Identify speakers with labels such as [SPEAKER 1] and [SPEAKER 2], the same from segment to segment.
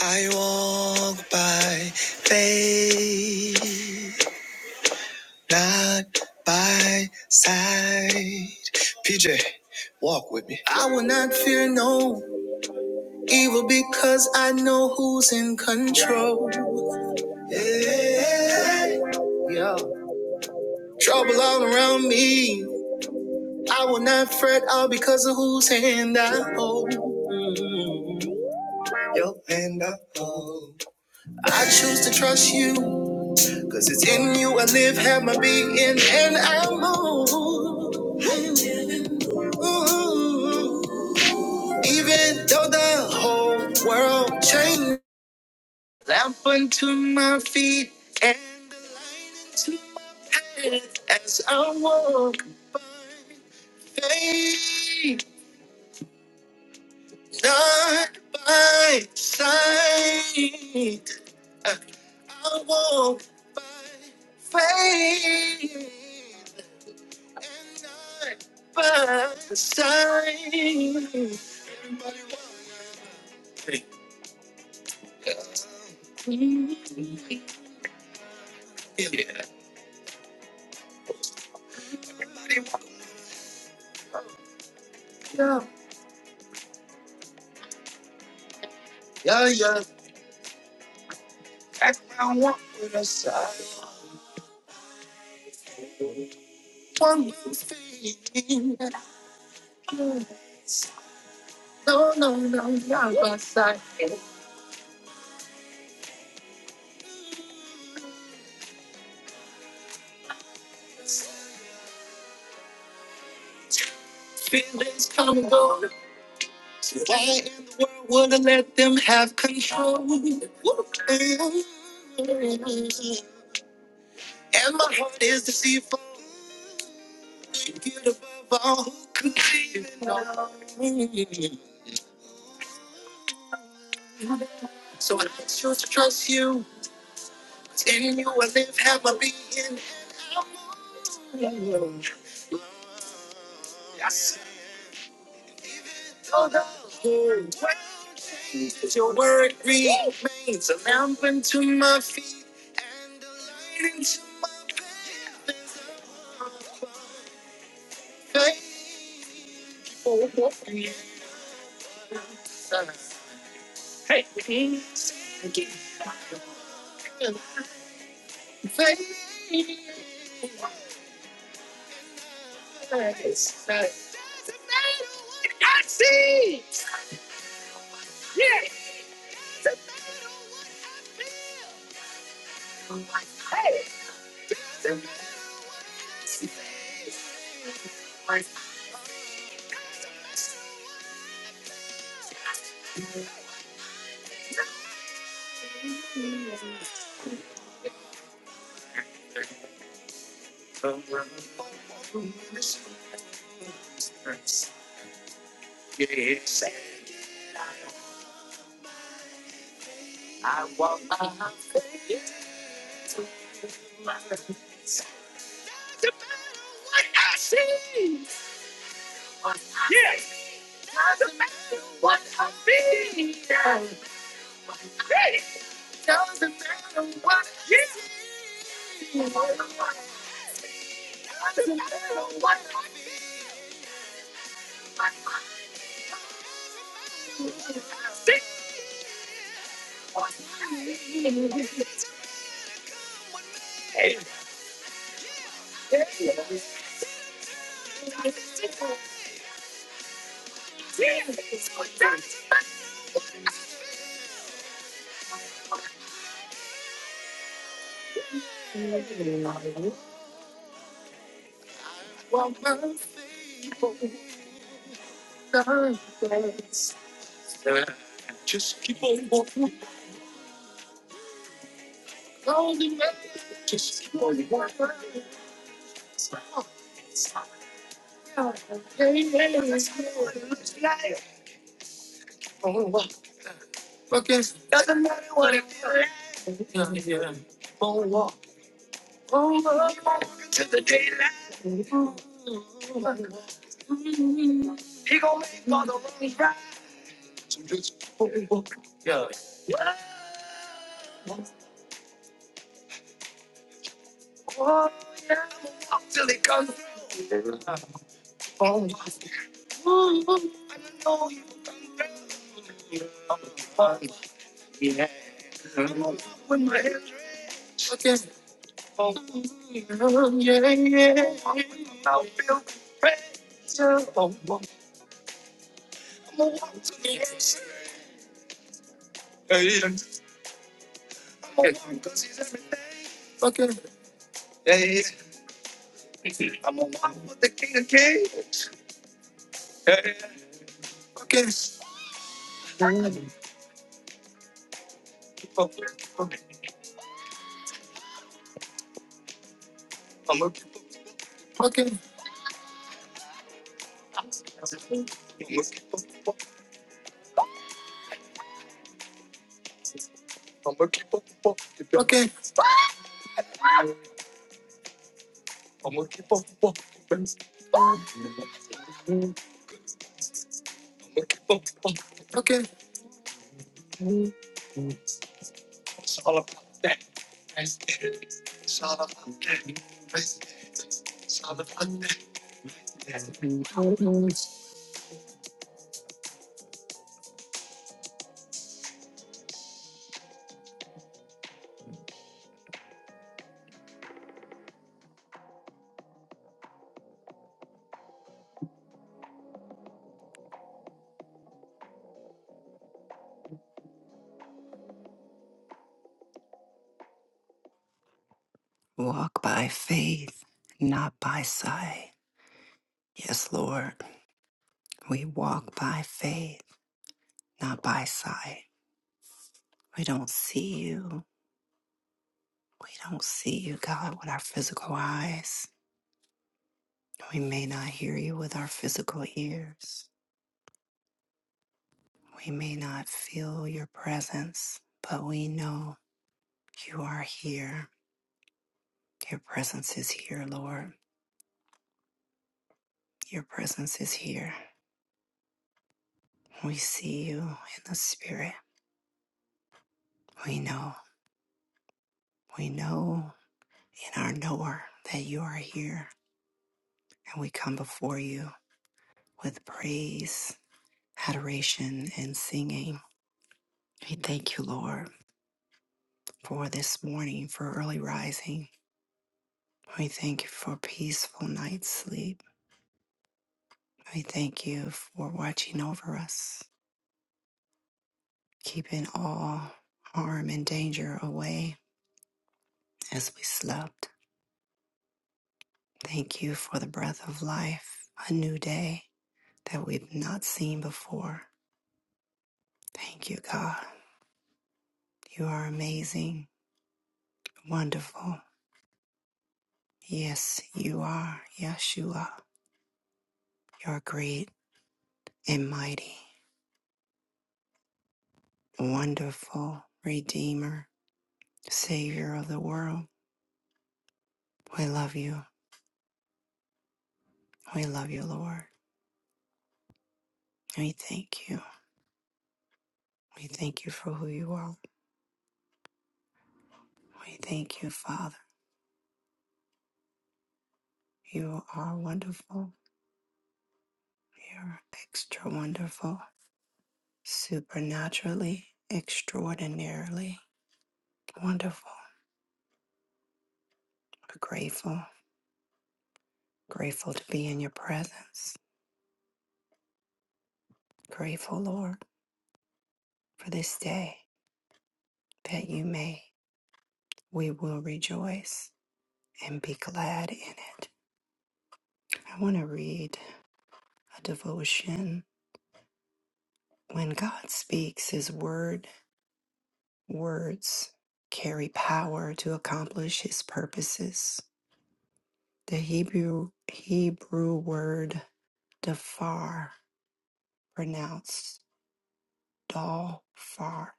[SPEAKER 1] I walk by faith, not by sight. PJ, walk with me. I will not fear no evil because I know who's in control. Yeah. Yo. Trouble all around me. I will not fret all because of whose hand I hold. Mm. Your hand I hold. I choose to trust you. Cause it's in you I live, have my being, and I move. Ooh. Even though the whole world changed, lamp unto my feet and the light into my path as I walk by faith, not by sight. I walk by faith. and night by the side. Everybody wanna- Mm, Yeah. wanna- Yeah, That's what I want with a side. One more thing. No, no, no, not by side. Feelings come and go. So why in the world would I let them have control? And my heart is deceitful. you above all who could even know me. So I choose to trust you. In you I live, have my being. in you. I settle down. Praise your word remains a lamp unto my feet and to faithful and faithfulness. Yes. Yes. Doesn't matter what I feel. Hey, Doesn't matter what I feel. Doesn't matter what I feel. Well, most people don't dance. Just keep on walking. Doesn't matter. Just keep on walking. Hey, hey, it's good. It's life. Fucking doesn't matter what it is. Yeah, yeah. Won't walk. Won't walk. Won't walk into the day. He gon' make all the wrongs right. So just- Yeah. Oh, yeah. i am walk till he comes. Ooh, no, you can't. I'ma walk with my head fucking. Oh, yeah, yeah. I'ma walk with my mouth filled with pressure. Oh, oh. I'ma walk till the end. Hey, I'ma walk 'cause he's everything. Fucking. Hey, I'm a one with the king of kings. Yeah, yeah. Okay. Okay. Okay. Okay. Walk by faith, not by sight. Yes, Lord. We walk by faith, not by sight. We don't see you. We don't see you, God, with our physical eyes. We may not hear you with our physical ears. We may not feel your presence, but we know you are here. Your presence is here, Lord. Your presence is here. We see you in the spirit. We know, we know in our knower that you are here. And we come before you with praise, adoration, and singing. We thank you, Lord, for this morning, for early rising. We thank you for peaceful night's sleep. We thank you for watching over us, keeping all harm and danger away as we slept. Thank you for the breath of life, a new day that we've not seen before. Thank you, God. You are amazing, wonderful. Yes, you are, Yeshua. You're great and mighty, wonderful Redeemer, Savior of the world. We love you. We love you, Lord. We thank you. We thank you for who you are. We thank you, Father. You are wonderful. You're extra wonderful. supernaturally, extraordinarily wonderful. We're grateful, grateful to be in your presence. Grateful, Lord, for this day that you made. We will rejoice and be glad in it. I want to read a devotion. When God speaks, his word, words carry power to accomplish his purposes. The Hebrew Hebrew word dafar, pronounced Dal Far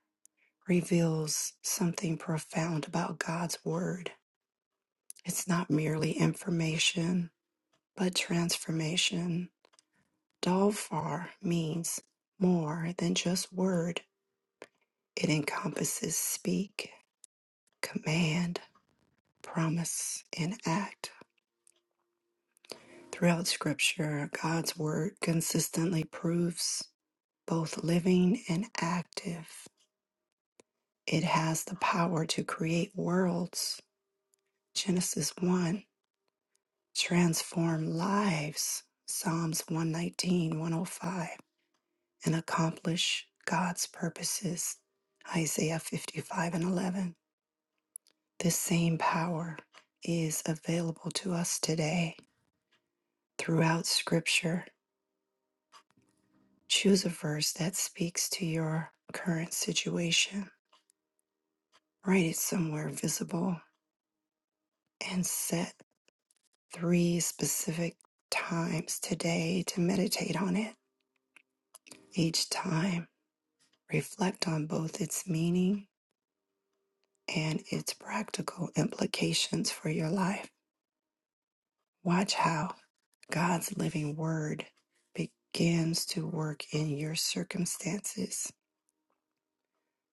[SPEAKER 1] reveals something profound about God's Word. It's not merely information, but transformation. Dal Far means more than just word, it encompasses speak, command, promise, and act. Throughout Scripture, God's Word consistently proves both living and active. It has the power to create worlds. Genesis 1 transform lives. Psalms one nineteen, one o five, and accomplish God's purposes. Isaiah 55 and 11. This same power is available to us today throughout Scripture. Choose a verse that speaks to your current situation, write it somewhere visible, and set three specific times today to meditate on it. Each time Reflect on both its meaning and its practical implications for your life. Watch how God's living word begins to work in your circumstances.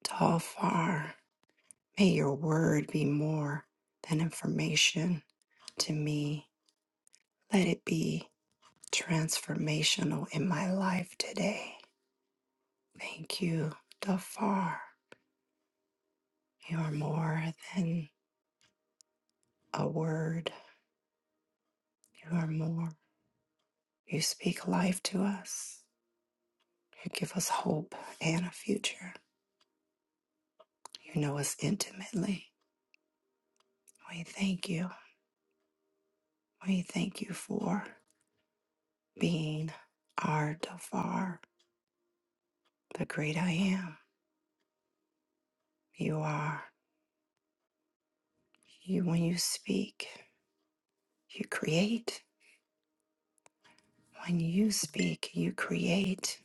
[SPEAKER 1] Tall far, may your word be more than information to me. Let it be transformational in my life today. Thank you, Dafar. You are more than a word. You are more. You speak life to us. You give us hope and a future. You know us intimately. We thank you. We thank you for being our Dafar, the great I am. You are. You when you speak, you create. When you speak, you create.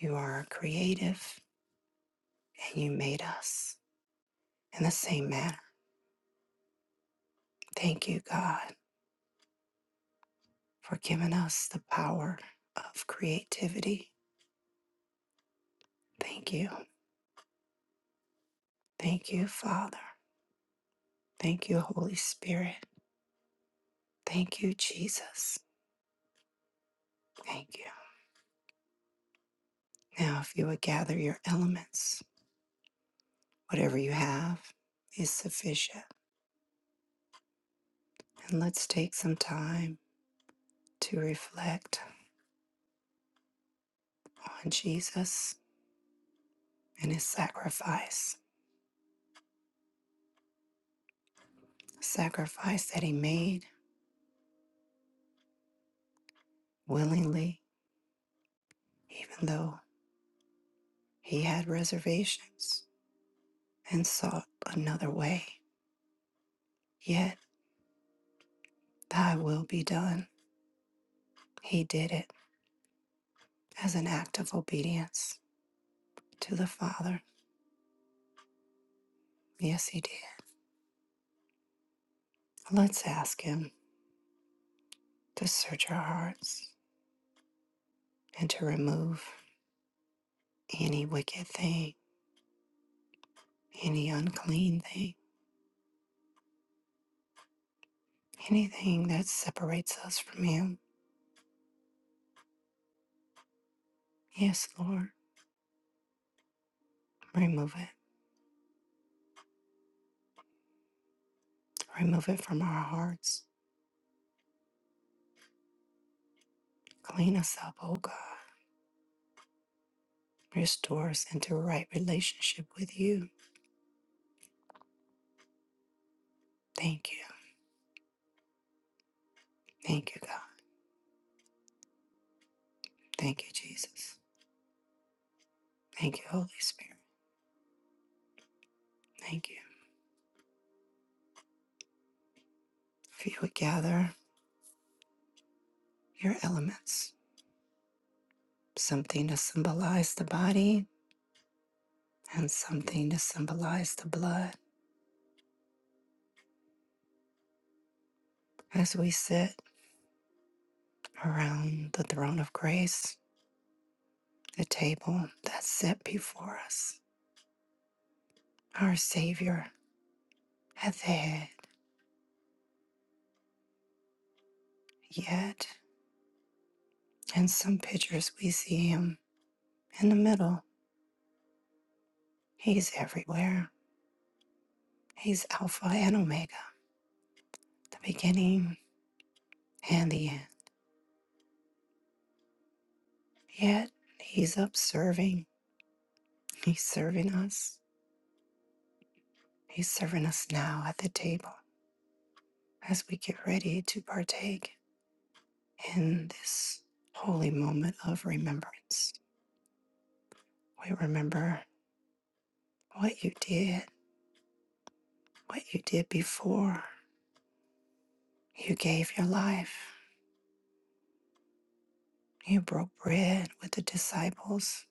[SPEAKER 1] You are creative and you made us in the same manner. Thank you, God, for giving us the power of creativity. Thank you. Thank you, Father. Thank you, Holy Spirit. Thank you, Jesus. Thank you. Now, if you would gather your elements, whatever you have is sufficient. And let's take some time to reflect on Jesus and his sacrifice, sacrifice that he made willingly, even though he had reservations and sought another way. Yet, thy will be done. He did it as an act of obedience to the Father. Yes, He did. Let's ask Him to search our hearts and to remove any wicked thing, any unclean thing, anything that separates us from Him. Yes, Lord, remove it. Remove it from our hearts. Clean us up, oh God. Restore us into a right relationship with you. Thank you. Thank you, God. Thank you, Jesus. Thank you, Holy Spirit. Thank you. If you would gather your elements something to symbolize the body and something to symbolize the blood as we sit around the throne of grace, the table that's set before us, our Savior at the head. Yet, in some pictures, we see Him in the middle. He's everywhere. He's Alpha and Omega, the beginning and the end. Yet, He's up serving. He's serving us. He's serving us now at the table. as we get ready to partake in this holy moment of remembrance. We remember what you did, what you did before you gave your life. You broke bread with the disciples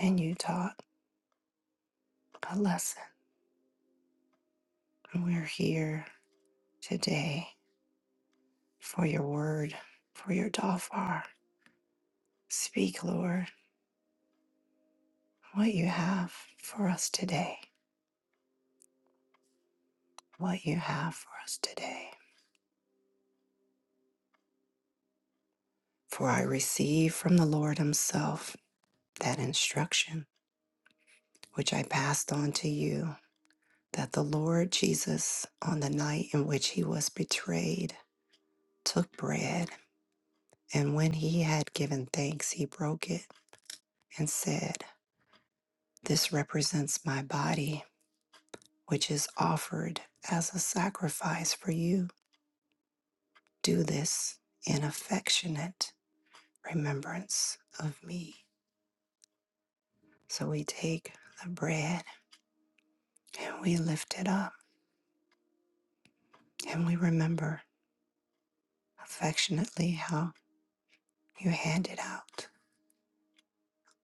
[SPEAKER 1] and you taught a lesson. And we're here today for your word, for your dafar. Speak, Lord, what you have for us today, what you have for us today. For I receive from the Lord Himself that instruction which I passed on to you that the Lord Jesus, on the night in which he was betrayed, took bread, and when he had given thanks, he broke it and said, This represents my body, which is offered as a sacrifice for you. Do this in affectionate remembrance of me. So we take the bread and we lift it up and we remember affectionately how. You handed out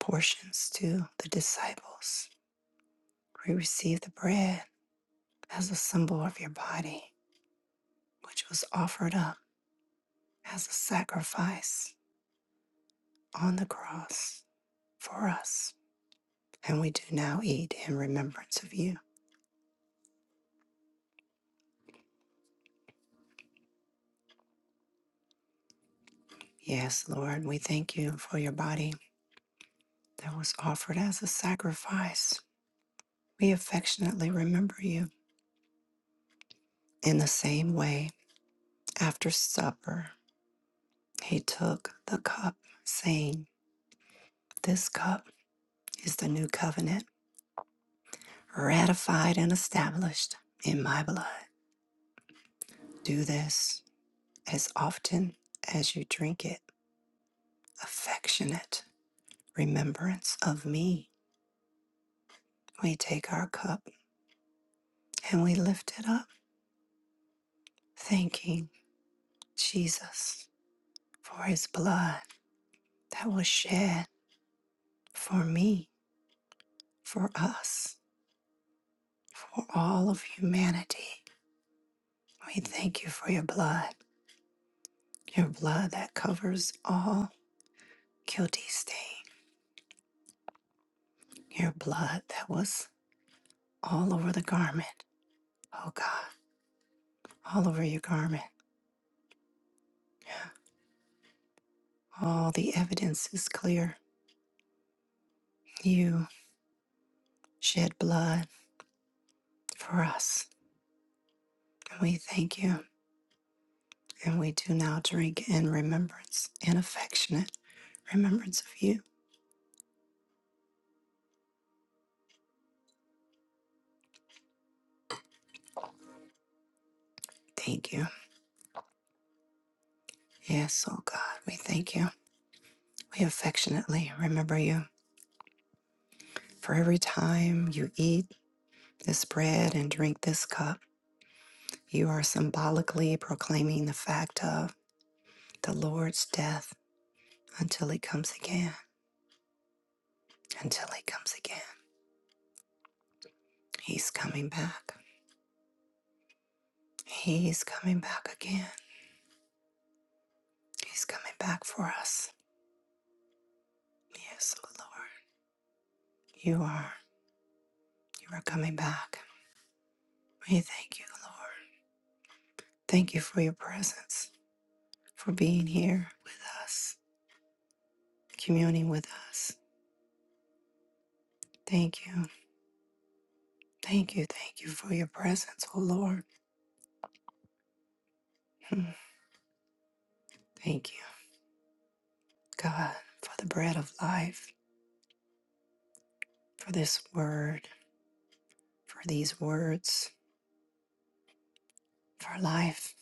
[SPEAKER 1] portions to the disciples. We received the bread as a symbol of your body, which was offered up as a sacrifice on the cross for us. And we do now eat in remembrance of you. Yes, Lord, we thank you for your body that was offered as a sacrifice. We affectionately remember you. In the same way, after supper, he took the cup, saying, This cup. is the new covenant ratified and established in my blood. Do this as often as you drink it, affectionate remembrance of me. We take our cup and we lift it up, thanking Jesus for his blood that was shed for me, for us, for all of humanity. We thank you for your blood, your blood that covers all guilty stain, your blood that was all over the garment. Oh God, all over your garment. All the evidence is clear. You shed blood for us. And we thank you. And we do now drink in remembrance in affectionate remembrance of you. Thank you. Yes, oh God, we thank you. We affectionately remember you. For every time you eat this bread and drink this cup, you are symbolically proclaiming the fact of the Lord's death until he comes again. until he comes again. He's coming back. He's coming back again. He's coming back for us. Yes, oh Lord. You are. You are coming back. We thank you, Lord. Thank you for your presence, for being here with us, communing with us. Thank you. Thank you. Thank you for your presence, oh Lord. Mm. Thank you, God, for the bread of life, for this word, for these words, for life,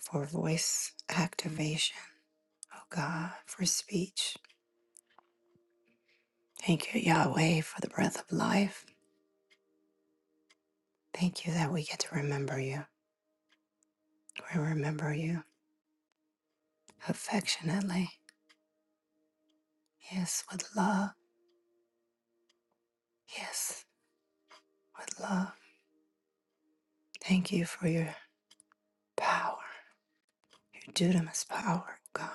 [SPEAKER 1] for voice activation oh God, for speech. Thank you, Yahweh, for the breath of life. Thank you that we get to remember you. We remember you affectionately. Yes, with love. Yes, with love. Thank you for your power, your dunamis power, God.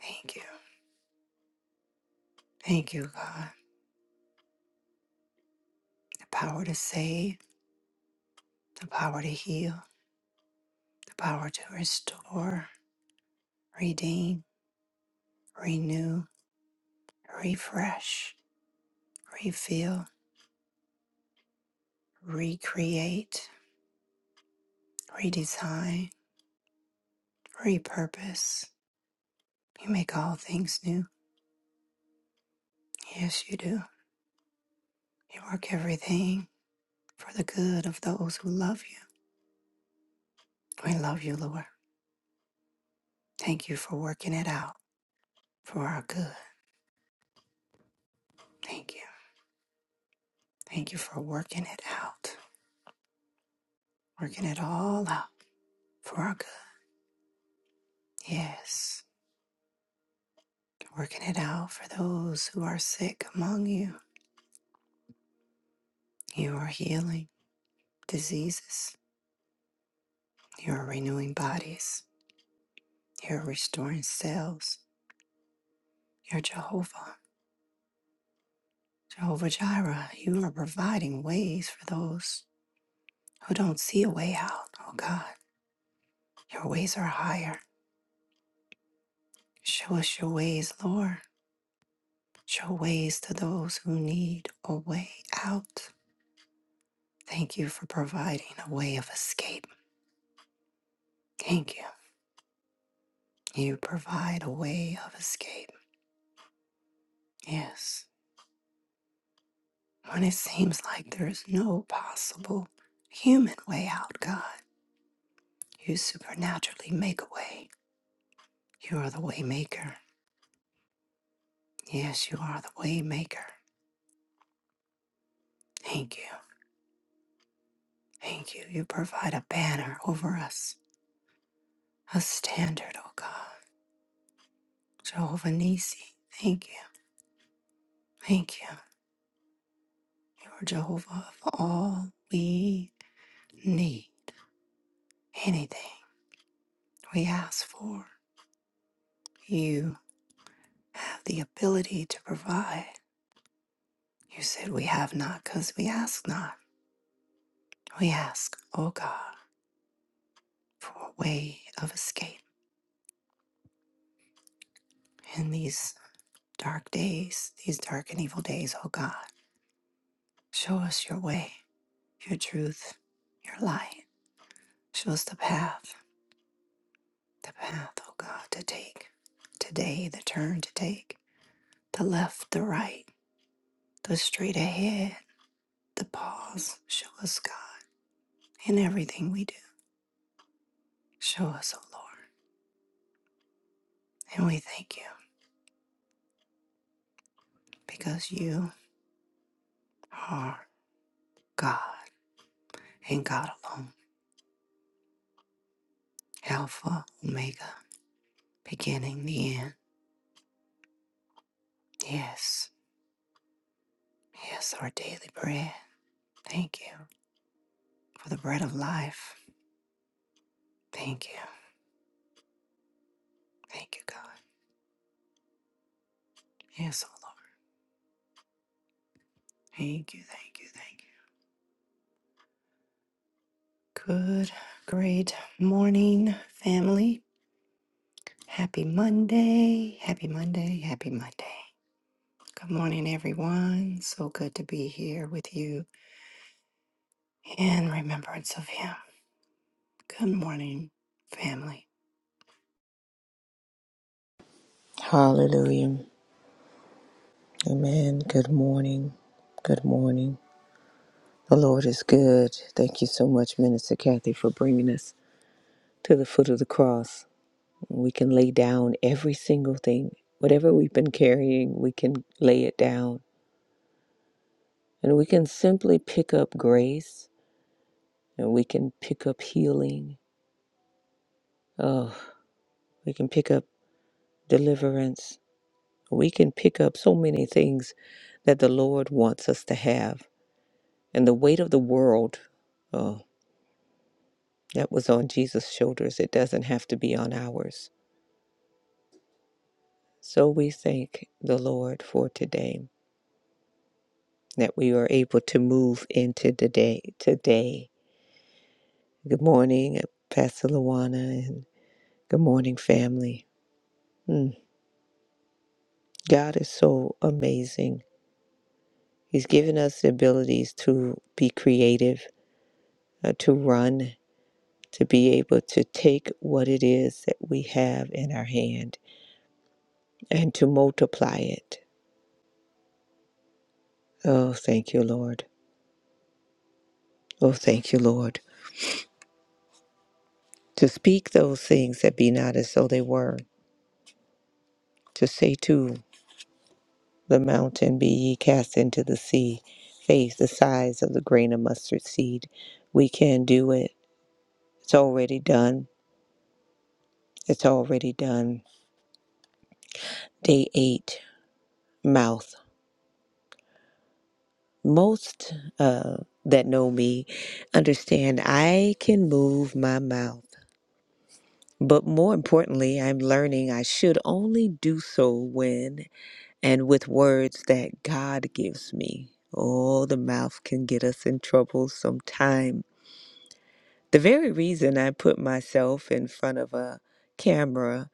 [SPEAKER 1] Thank you. Thank you, God. The power to save, the power to heal, the power to restore, redeem, renew, refresh, refill, recreate, redesign repurpose. You make all things new. Yes, you do. You work everything for the good of those who love you. We love you, Lord. Thank you for working it out for our good. Thank you. Thank you for working it out, working it all out for our good. Yes, working it out for those who are sick among you. You are healing diseases. You are renewing bodies. You're restoring cells. You're Jehovah. Jehovah Jireh, you are providing ways for those who don't see a way out. Oh God, your ways are higher. Show us your ways, Lord. Show ways to those who need a way out. Thank you for providing a way of escape. Thank you. You provide a way of escape. Yes. When it seems like there is no possible human way out, God, you supernaturally make a way. You are the way maker. Yes, you are the way maker. Thank you. Thank you. You provide a banner over us, a standard, O God. Jehovah Nisi, thank you. Thank you. You are Jehovah of all we need. Anything we ask for, you have the ability to provide. You said we have not because we ask not. We ask, O God, for a way of escape in these dark days, these dark and evil days, O God. Show us your way, your truth, your light. Show us the path, the path, oh God, to take today, the turn to take, the left, the right, the straight ahead, the pause. Show us, God, in everything we do. Show us, oh Lord. And we thank you because you are God and God alone, Alpha, Omega, beginning, the end. Yes, yes, our daily bread. Thank you for the bread of life. Thank you. Thank you, God. Yes, oh Lord. Thank you, thank you, thank you. Good, great morning, family. Happy Monday. Happy Monday. Happy Monday. Good morning, everyone. So good to be here with you in remembrance of Him. Good morning, family.
[SPEAKER 2] Hallelujah. Amen. Good morning. Good morning. The Lord is good. Thank you so much, Minister Kathy, for bringing us to the foot of the cross. We can lay down every single thing. Whatever we've been carrying, we can lay it down. And we can simply pick up grace and we can pick up healing. Oh, we can pick up deliverance. We can pick up so many things that the Lord wants us to have. And the weight of the world. oh, That was on Jesus' shoulders. It doesn't have to be on ours. So we thank the Lord for today that we are able to move into the day today. Good morning, uh, Pastor Luana, and good morning, family. Mm, God is so amazing. He's given us the abilities to be creative, uh, to run, to be able to take what it is that we have in our hand and to multiply it. Oh, thank you, Lord. Oh, thank you, Lord. to speak those things that be not as though they were, to say to the mountain, Be ye cast into the sea, faith the size of the grain of mustard seed. We can do it. It's already done. It's already done. Day eight, mouth. Most uh, that know me understand I can move my mouth. But more importantly, I'm learning I should only do so when and with words that God gives me. Oh, the mouth can get us in trouble sometime. The very reason I put myself in front of a camera,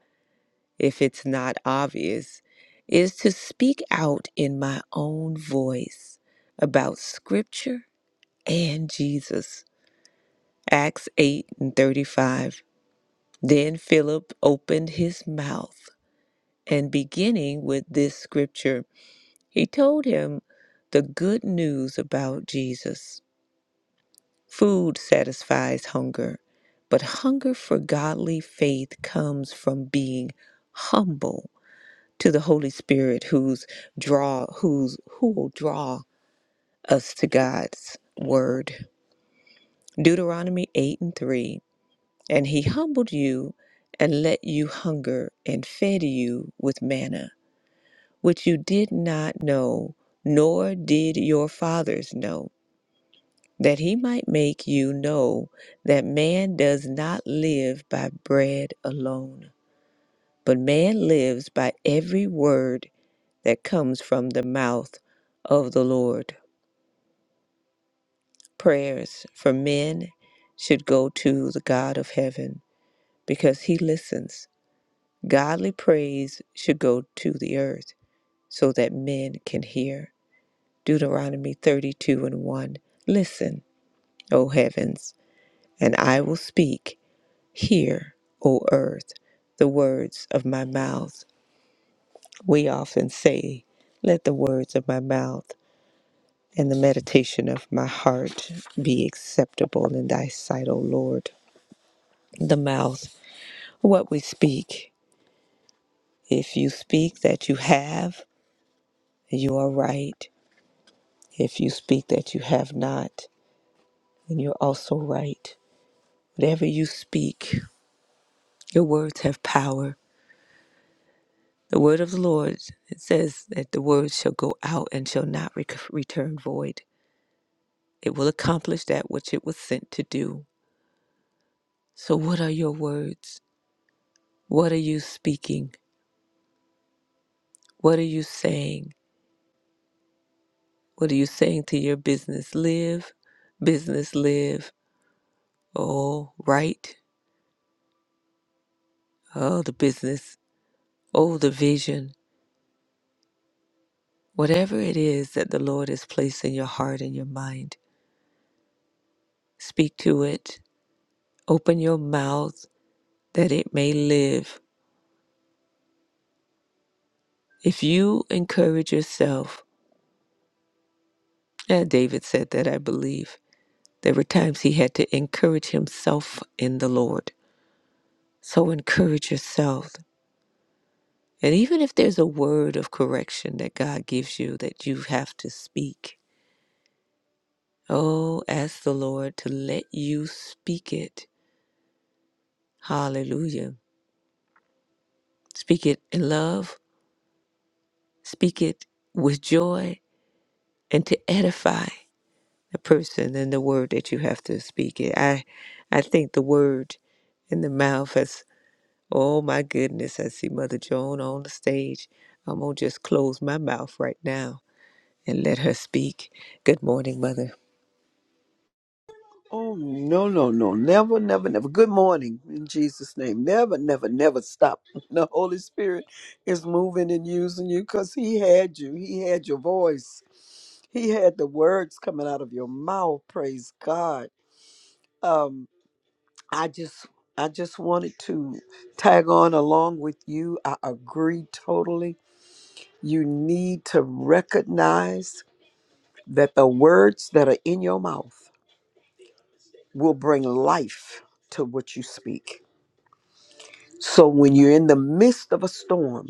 [SPEAKER 2] if it's not obvious, is to speak out in my own voice about Scripture and Jesus. Acts 8 and 35. Then Philip opened his mouth and beginning with this scripture. He told him the good news about Jesus. Food satisfies hunger, but hunger for godly faith comes from being humble to the Holy Spirit who's draw who's who will draw us to God's word. Deuteronomy 8 and 3. And he humbled you and let you hunger and fed you with manna, which you did not know, nor did your fathers know that he might make you know that man does not live by bread alone, but man lives by every word that comes from the mouth of the Lord. Prayers for men should go to the God of heaven because he listens. Godly praise should go to the earth so that men can hear. Deuteronomy 32 and 1. Listen, O heavens, and I will speak Hear, O earth, the words of my mouth. We often say, Let the words of my mouth and the meditation of my heart be acceptable in thy sight, O Lord. The mouth, what we speak. If you speak that you have, you are right. If you speak that you have not, then you're also right. Whatever you speak, your words have power. The word of the Lord it says that the word shall go out and shall not rec- return void. It will accomplish that which it was sent to do. So, what are your words? What are you speaking? What are you saying? What are you saying to your business? Live, business, live. Oh, right. Oh, the business. Oh, the vision. Whatever it is that the Lord has placed in your heart and your mind, speak to it. Open your mouth that it may live If you encourage yourself, and David said that, I believe, there were times he had to encourage himself in the Lord. So encourage yourself. And even if there's a word of correction that God gives you that you have to speak, oh, ask the Lord to let you speak it. Hallelujah. Speak it in love, speak it with joy, and to edify. the person and the word that you have to speak. It I I think the word in the mouth has oh my goodness, I see Mother Joan on the stage. I'm gonna just close my mouth right now and let her speak. Good morning, Mother.
[SPEAKER 3] Oh, no, no, no. Never, never, never. Good morning in Jesus' name. Never, never, never stop. The Holy Spirit is moving and using you because He had you. He had your voice. He had the words coming out of your mouth. Praise God. Um, I just. I just wanted to tag on along with you. I agree totally. You need to recognize that the words that are in your mouth will bring life to what you speak So when you're in the midst of a storm,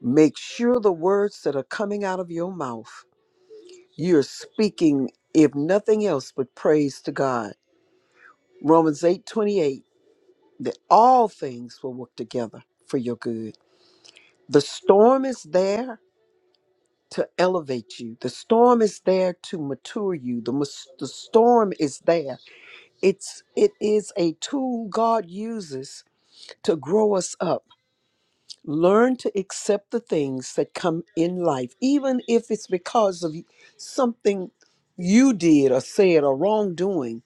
[SPEAKER 3] make sure the words that are coming out of your mouth, you're speaking, if nothing else, but praise to God. Romans 8 28 that all things will work together for your good. The storm is there to elevate you, the storm is there to mature you, the, mus- the storm is there. It's, it is a tool God uses to grow us up Learn to accept the things that come in life, even if it's because of something you did or said or wrongdoing,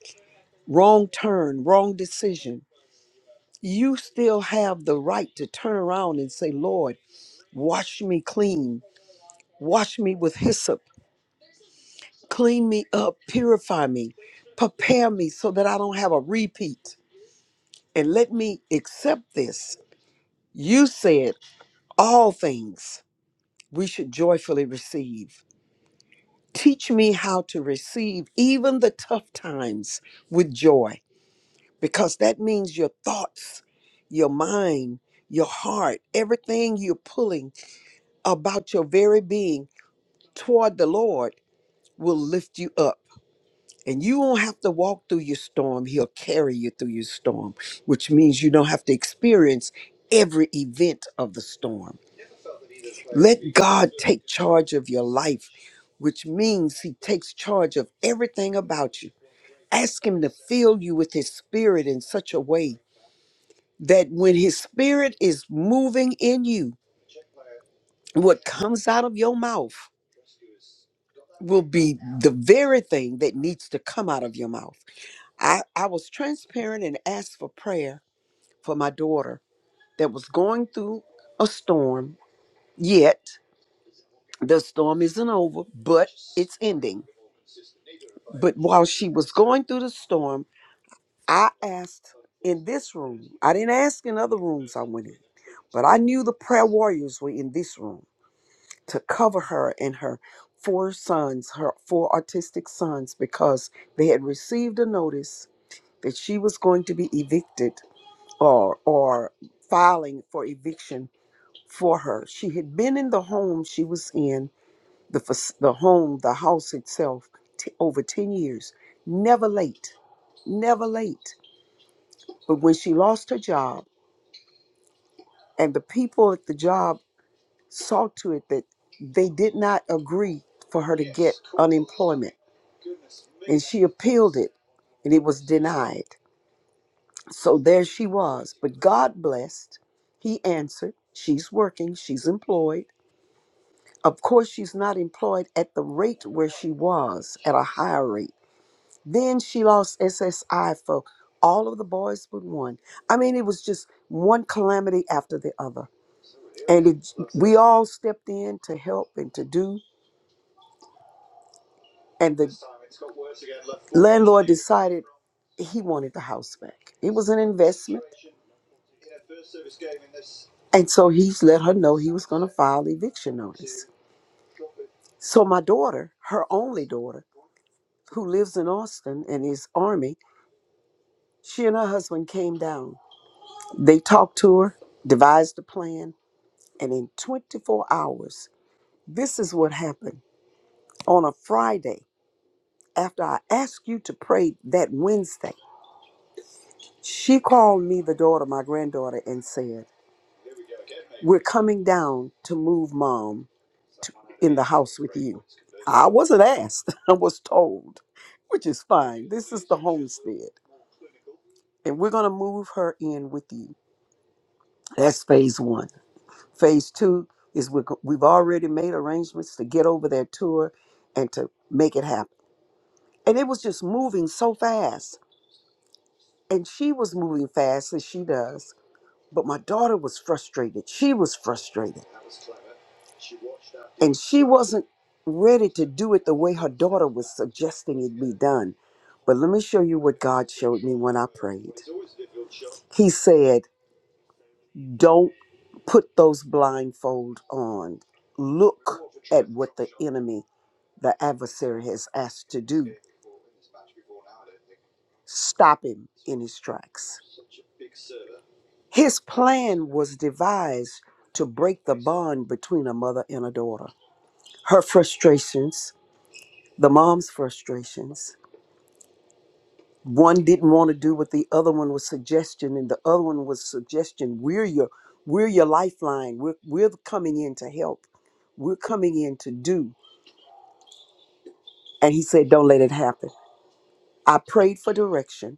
[SPEAKER 3] wrong turn, wrong decision. You still have the right to turn around and say, Lord, wash me clean, wash me with hyssop, clean me up, purify me, prepare me so that I don't have a repeat, and let me accept this. You said all things we should joyfully receive. Teach me how to receive even the tough times with joy, because that means your thoughts, your mind, your heart, everything you're pulling about your very being toward the Lord will lift you up. And you won't have to walk through your storm. He'll carry you through your storm, which means you don't have to experience every event of the storm. Let God take charge of your life, which means He takes charge of everything about you Ask Him to fill you with His Spirit in such a way that when His Spirit is moving in you, what comes out of your mouth will be the very thing that needs to come out of your mouth. I, I was transparent and asked for prayer for my daughter that was going through a storm, yet the storm isn't over, but it's ending. But while she was going through the storm, I asked in this room. I didn't ask in other rooms I went in, but I knew the prayer warriors were in this room to cover her and her four sons, her four autistic sons, because they had received a notice that she was going to be evicted or or filing for eviction for her. She had been in the home she was in, the fac- the home, the house itself, t- over 10 years, never late, never late but when she lost her job and the people at the job saw to it that they did not agree for her to get unemployment, and she appealed it and it was denied. So there she was. But God blessed. He answered. She's working, she's employed. Of course, she's not employed at the rate where she was, at a higher rate. Then she lost SSI for all of the boys but one. I mean, it was just one calamity after the other. And it, we all stepped in to help and to do. And the landlord decided he wanted the house back. It was an investment. And so he's let her know he was going to file eviction notice. So my daughter, her only daughter, who lives in Austin and is Army, she and her husband came down. They talked to her, devised a plan, and in 24 hours, this is what happened. On a Friday, after I asked you to pray that Wednesday, she called me, the daughter, my granddaughter, and said, We're coming down to move mom to, in the house with you. I wasn't asked, I was told, which is fine. This is the homestead, and we're going to move her in with you. That's phase one. Phase two is we're, go- we've already made arrangements to get over there to her and to make it happen. And it was just moving so fast and she was moving fast as she does but my daughter was frustrated she was frustrated and she wasn't ready to do it the way her daughter was suggesting it be done but let me show you what god showed me when i prayed he said don't put those blindfold on look at what the enemy the adversary has asked to do stop him in his tracks His plan was devised to break the bond between a mother and a daughter. Her frustrations, the mom's frustrations. One didn't want to do what the other one was suggesting, and the other one was suggestion. We're your, we're your lifeline. We're we're coming in to help. We're coming in to do. And he said, "Don't let it happen." I prayed for direction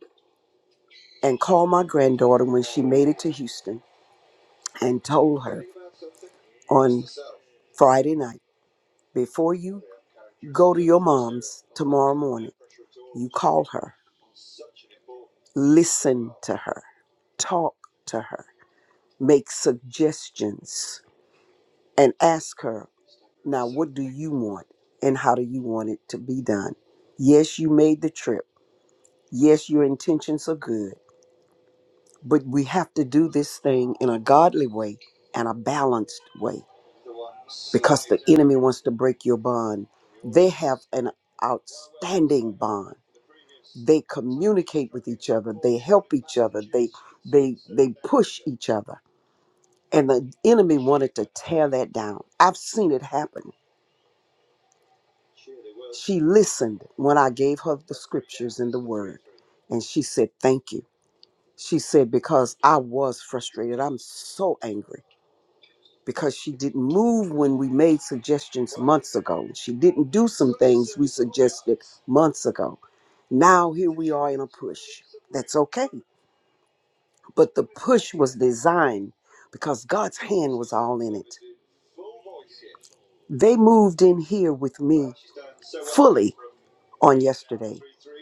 [SPEAKER 3] and called my granddaughter when she made it to Houston, and told her on Friday night. Before you go to your mom's tomorrow morning, you call her, listen to her, talk to her, make suggestions, and ask her, now, what do you want and how do you want it to be done? Yes, you made the trip. Yes, your intentions are good. But we have to do this thing in a godly way and a balanced way because the enemy wants to break your bond. They have an outstanding bond. They communicate with each other. They help each other. They they they push each other. And the enemy wanted to tear that down. I've seen it happen. She listened when I gave her the scriptures and the word. And she said, Thank you. She said, Because I was frustrated. I'm so angry because she didn't move when we made suggestions months ago. She didn't do some things we suggested months ago. Now here we are in a push. That's okay. But the push was designed because God's hand was all in it. They moved in here with me fully on yesterday.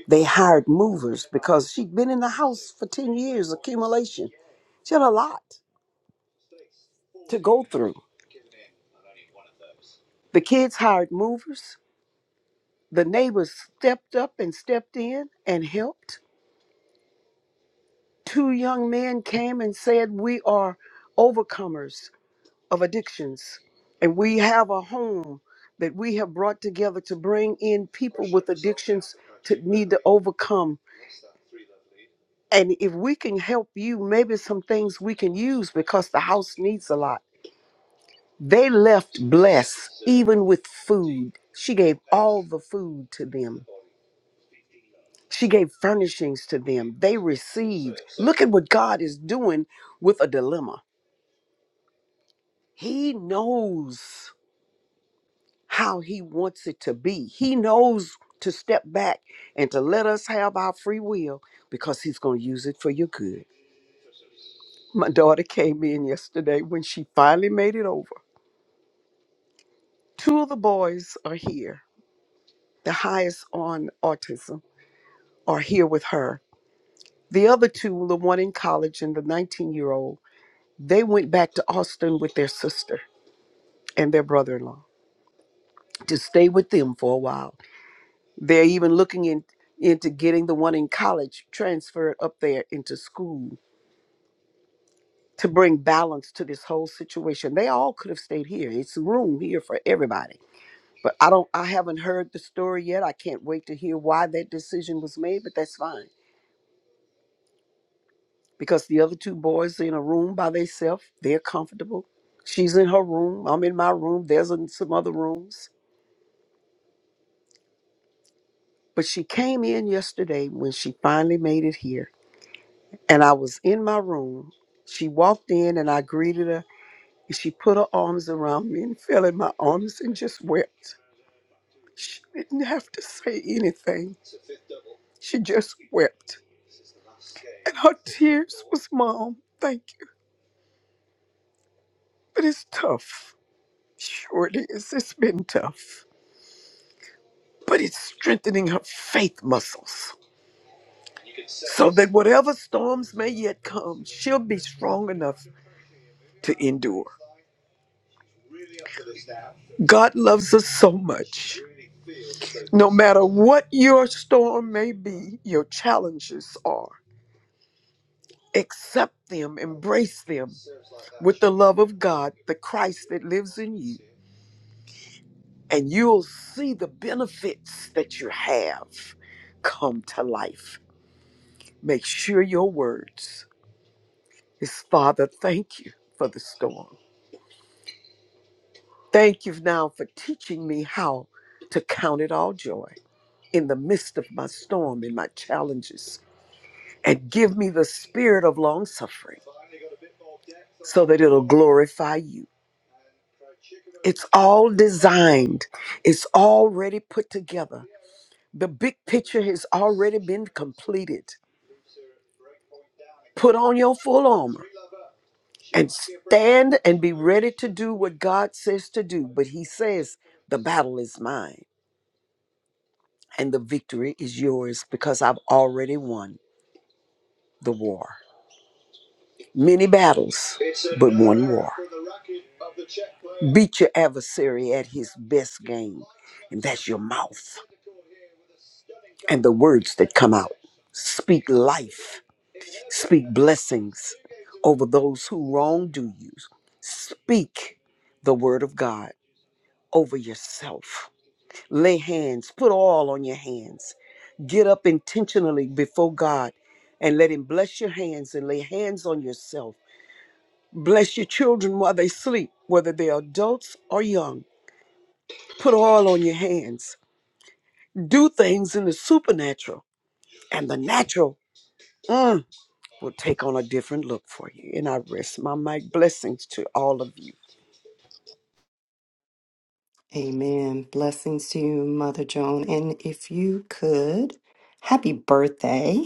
[SPEAKER 3] They hired movers because she'd been in the house for 10 years, accumulation. She had a lot. to go through. The kids hired movers. The neighbors stepped up and stepped in and helped. Two young men came and said, We are overcomers of addictions, and we have a home that we have brought together to bring in people with addictions to need to overcome. And if we can help you, maybe some things we can use because the house needs a lot. They left blessed, even with food. She gave all the food to them. She gave furnishings to them. They received. Look at what God is doing with a dilemma. He knows how He wants it to be. He knows to step back and to let us have our free will because He's going to use it for your good. My daughter came in yesterday when she finally made it over. Two of the boys are here. The highest on autism are here with her The other two, the one in college and the 19 year old, they went back to Austin with their sister and their brother in law to stay with them for a while. They're even looking in, into getting the one in college transferred up there into school to bring balance to this whole situation. They all could have stayed here. It's room here for everybody. But I don't I haven't heard the story yet. I can't wait to hear why that decision was made, but that's fine. because the other two boys are in a room by themselves. They're comfortable. She's in her room. I'm in my room. There's in some other rooms. But she came in yesterday when she finally made it here. And I was in my room. She walked in and I greeted her. And she put her arms around me and fell in my arms and just wept. She didn't have to say anything. She just wept. And her tears was, Mom, thank you. But it's tough. Sure it is. It's been tough. but it's strengthening her faith muscles so that whatever storms may yet come, she'll be strong enough to endure. God loves us so much. No matter what your storm may be, your challenges are, accept them, embrace them with the love of God, the Christ that lives in you, and you'll see the benefits that you have come to life. Make sure your words is Father, thank you for the storm. Thank you now for teaching me how to count it all joy in the midst of my storm and my challenges. And give me the spirit of long suffering so that it'll glorify you. It's all designed, it's already put together. The big picture has already been completed. Put on your full armor and stand and be ready to do what God says to do. But He says, the battle is mine and the victory is yours because I've already won the war. Many battles, but one war. Beat your adversary at his best game, and that's your mouth and the words that come out. Speak life, speak blessings over those who wrongdo you. Speak the word of God over yourself Lay hands, put oil on your hands. Get up intentionally before God and let Him bless your hands and lay hands on yourself. Bless your children while they sleep, whether they're adults or young. Put oil on your hands. Do things in the supernatural, and the natural mm, will take on a different look for you. And I rest my mic. Blessings to all of you.
[SPEAKER 1] Amen. Blessings to you, Mother Joan. And if you could, happy birthday.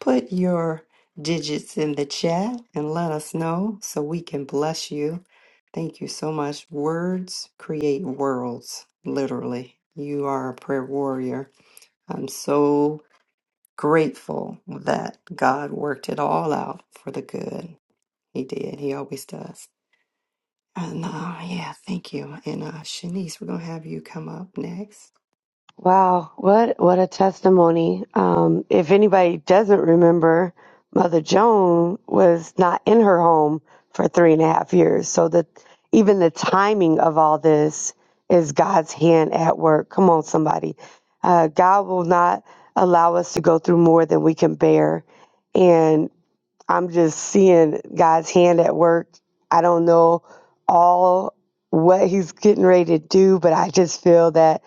[SPEAKER 1] Put your digits in the chat and let us know so we can bless you. Thank you so much. Words create worlds, literally. You are a prayer warrior. I'm so grateful that God worked it all out for the good. He did. He always does. And uh, yeah, thank you. And uh, Shanice, we're going to have you come up next.
[SPEAKER 4] Wow, what what a testimony. Um, if anybody doesn't remember, Mother Joan was not in her home for three and a half years. So that even the timing of all this is God's hand at work. Come on, somebody. Uh, God will not allow us to go through more than we can bear. And I'm just seeing God's hand at work. I don't know all what he's getting ready to do, but I just feel that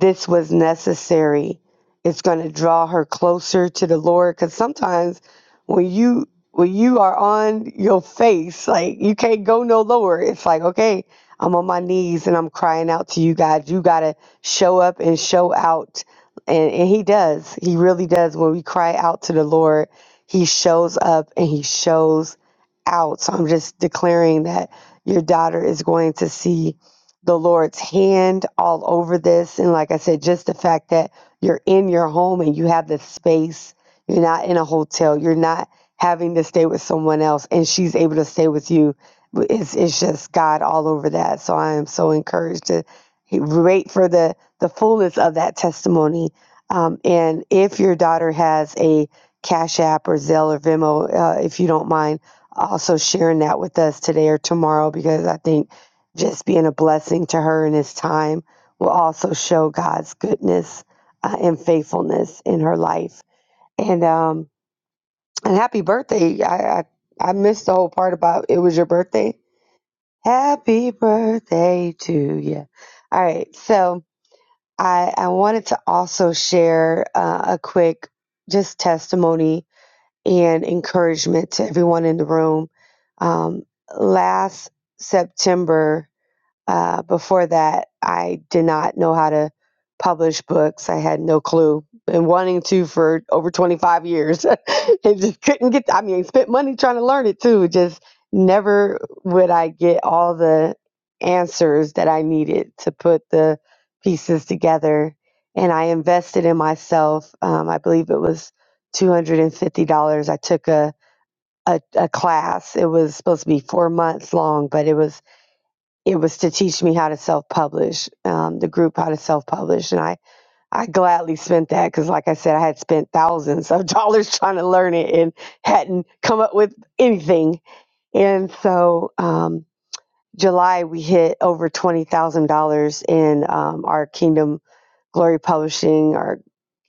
[SPEAKER 4] this was necessary. It's going to draw her closer to the Lord cuz sometimes when you when you are on your face like you can't go no lower. It's like, okay, I'm on my knees and I'm crying out to you God. You got to show up and show out. And and he does. He really does when we cry out to the Lord, he shows up and he shows out. So I'm just declaring that your daughter is going to see the Lord's hand all over this. And like I said, just the fact that you're in your home and you have the space, you're not in a hotel, you're not having to stay with someone else, and she's able to stay with you. It's, it's just God all over that. So I am so encouraged to wait for the, the fullness of that testimony. Um, and if your daughter has a Cash App or Zelle or Venmo, uh, if you don't mind, also sharing that with us today or tomorrow, because I think just being a blessing to her in this time will also show God's goodness uh, and faithfulness in her life. And um, and happy birthday! I, I I missed the whole part about it was your birthday. Happy birthday to you! All right, so I I wanted to also share uh, a quick just testimony and encouragement to everyone in the room. Um, last September, uh, before that, I did not know how to publish books. I had no clue. Been wanting to for over 25 years and just couldn't get, I mean, spent money trying to learn it too. Just never would I get all the answers that I needed to put the pieces together. And I invested in myself. Um, I believe it was $250. I took a, a, a class. It was supposed to be four months long, but it was it was to teach me how to self-publish um, the group how to self-publish and i i gladly spent that because like i said i had spent thousands of dollars trying to learn it and hadn't come up with anything and so um, july we hit over $20000 in um, our kingdom Glory Publishing, our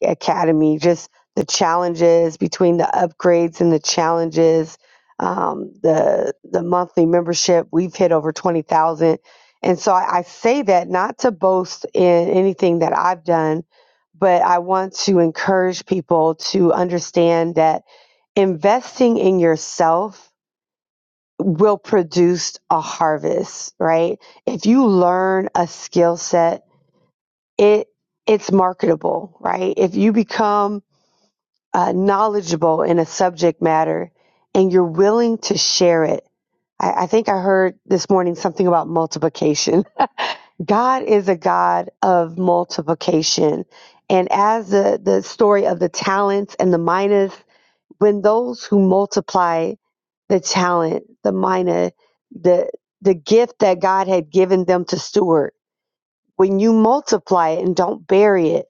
[SPEAKER 4] academy, just the challenges between the upgrades and the challenges, um, the the monthly membership. We've hit over twenty thousand, and so I, I say that not to boast in anything that I've done, but I want to encourage people to understand that investing in yourself will produce a harvest. Right? If you learn a skill set it it's marketable, right? If you become uh, knowledgeable in a subject matter and you're willing to share it, I, I think I heard this morning something about multiplication. God is a God of multiplication, and as the the story of the talents and the minas, when those who multiply the talent, the mina, the the gift that God had given them to steward, when you multiply it and don't bury it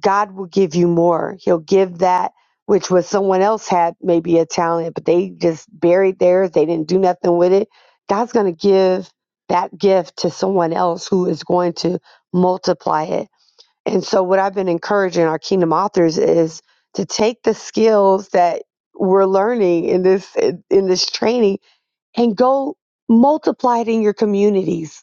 [SPEAKER 4] God will give you more. He'll give that which was someone else had maybe a talent, but they just buried theirs. They didn't do nothing with it. God's going to give that gift to someone else who is going to multiply it. And so, what I've been encouraging our kingdom authors is to take the skills that we're learning in this in this training and go multiply it in your communities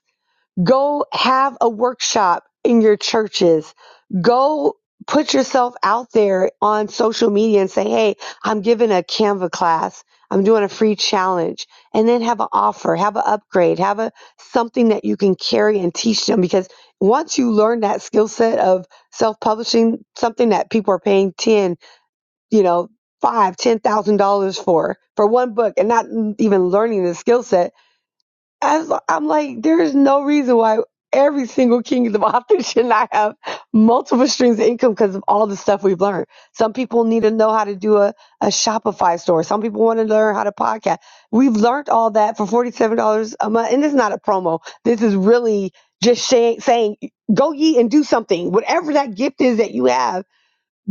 [SPEAKER 4] Go have a workshop in your churches. Go put yourself out there on social media and say, Hey, I'm giving a Canva class. I'm doing a free challenge and then have an offer, have an upgrade, have a something that you can carry and teach them because once you learn that skill set of self-publishing, something that people are paying 10, you know, five, ten thousand dollars for for one book and not even learning the skill set as I'm like, there is no reason why every single kingdom author should not have multiple streams of income because of all the stuff we've learned. Some people need to know how to do a, a Shopify store. Some people want to learn how to podcast. We've learned all that for $47 a month. And this is not a promo. This is really just shay- saying, go ye and do something. Whatever that gift is that you have,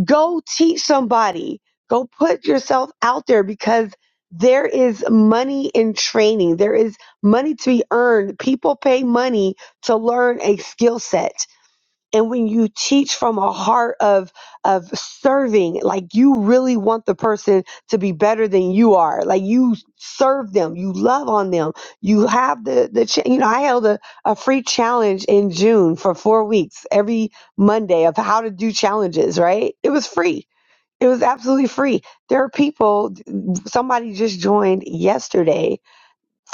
[SPEAKER 4] Go teach somebody. Go put yourself out there because there is money in training. There is money to be earned. People pay money to learn a skill set and when you teach from a heart of of serving like you really want the person to be better than you are like you serve them you love on them you have the the cha- you know i held a, a free challenge in june for four weeks every monday of how to do challenges right it was free it was absolutely free there are people somebody just joined yesterday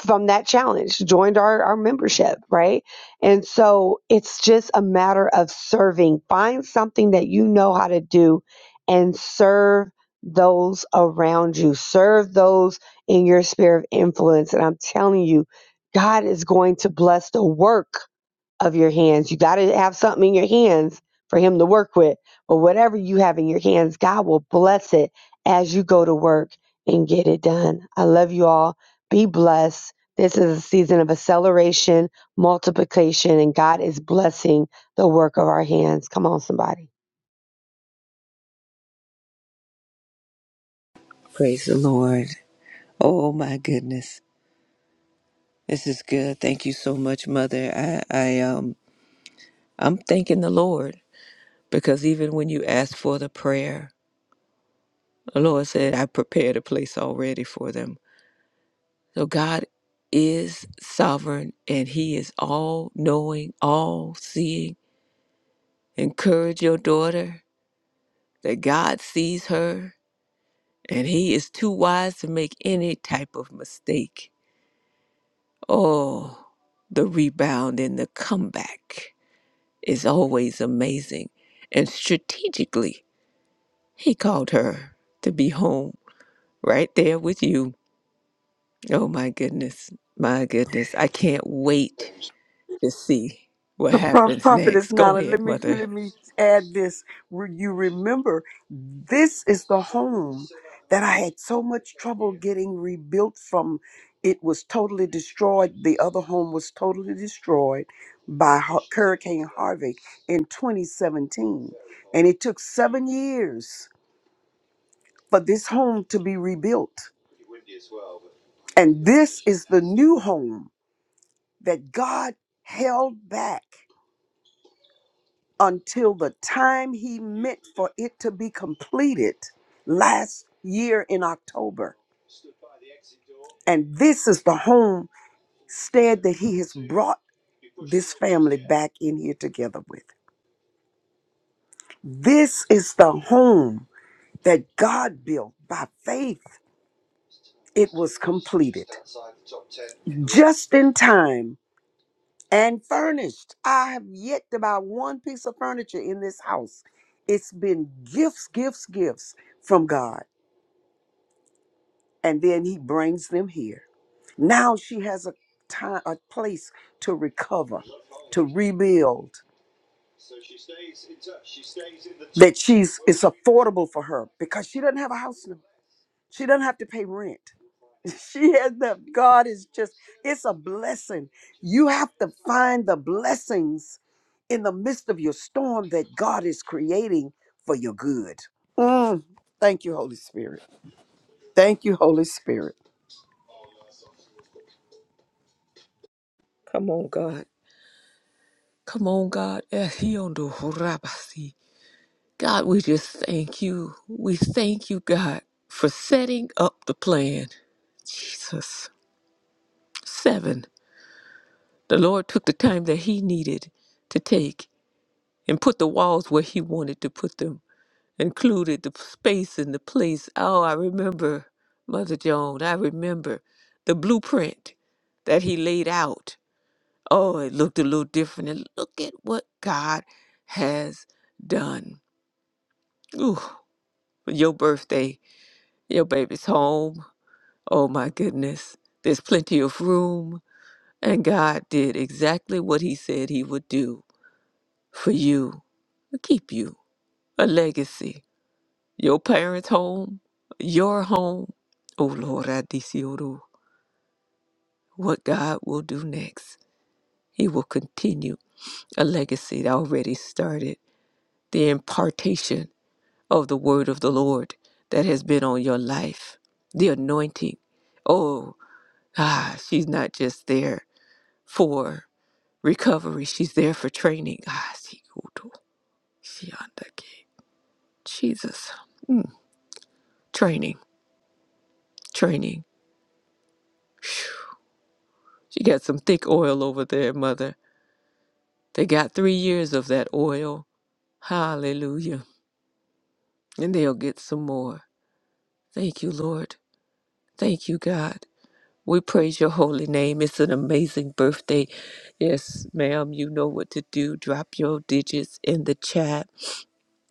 [SPEAKER 4] from that challenge, joined our, our membership, right? And so it's just a matter of serving. Find something that you know how to do and serve those around you, serve those in your sphere of influence. And I'm telling you, God is going to bless the work of your hands. You got to have something in your hands for him to work with. But whatever you have in your hands, God will bless it as you go to work and get it done. I love you all. Be blessed. This is a season of acceleration, multiplication, and God is blessing the work of our hands. Come on, somebody.
[SPEAKER 2] Praise the Lord. Oh my goodness. This is good. Thank you so much, Mother. I, I um I'm thanking the Lord because even when you asked for the prayer, the Lord said, I prepared a place already for them. So God is sovereign and He is all knowing, all seeing. Encourage your daughter that God sees her and He is too wise to make any type of mistake. Oh, the rebound and the comeback is always amazing. And strategically, He called her to be home right there with you. Oh my goodness, my goodness. I can't wait to see what
[SPEAKER 3] Pro-
[SPEAKER 2] happens
[SPEAKER 3] Prophetess
[SPEAKER 2] next. Go
[SPEAKER 3] Nana, let
[SPEAKER 2] ahead,
[SPEAKER 3] me
[SPEAKER 2] Mother.
[SPEAKER 3] let me add this. Re- You remember, this is the home that I had so much trouble getting rebuilt from. It was totally destroyed. The other home was totally destroyed by Hu- Hurricane Harvey in 2017, and it took seven years for this home to be rebuilt. And this is the new home that God held back. until the time he meant for it to be completed last year in October. And this is the homestead that he has brought this family back in here together with. This is the home that God built by faith. It was completed just in time and furnished. I have yet to buy one piece of furniture in this house. It's been gifts, gifts, gifts from God. and then he brings them here. Now she has a time, a place to recover, to rebuild. That she's it's affordable for her because she doesn't have a house now. She doesn't have to pay rent. She has the God is just it's a blessing. You have to find the blessings in the midst of your storm that God is creating for your good. Mm, thank you, Holy Spirit. Thank you, Holy Spirit.
[SPEAKER 2] Come on, God. Come on, God. Eh, he on the horabasi. God, we just thank you. We thank you, God, for setting up the plan. Jesus. Seven. The Lord took the time that He needed to take and put the walls where He wanted to put them, included the space and the place. Oh, I remember, Mother Joan, I remember the blueprint that He laid out. Oh, it looked a little different. And look at what God has done. Ooh, your birthday, your baby's home. Oh my goodness. There's plenty of room. And God did exactly what He said He would do for you, keep you, a legacy. Your parents' home, your home. Oh Lord, I Adisioro, what God will do next. He will continue a legacy that already started, the impartation of the word of the Lord that has been on your life, the anointing. Oh, ah, she's not just there for recovery, she's there for training. Ah, see, Udo, she on the key. Jesus, training, training. Phew. She got some thick oil over there, mother. They got three years of that oil. Hallelujah. And they'll get some more. Thank you, Lord. Thank you, God. We praise your holy name. It's an amazing birthday. Yes, ma'am, you know what to do. Drop your digits in the chat.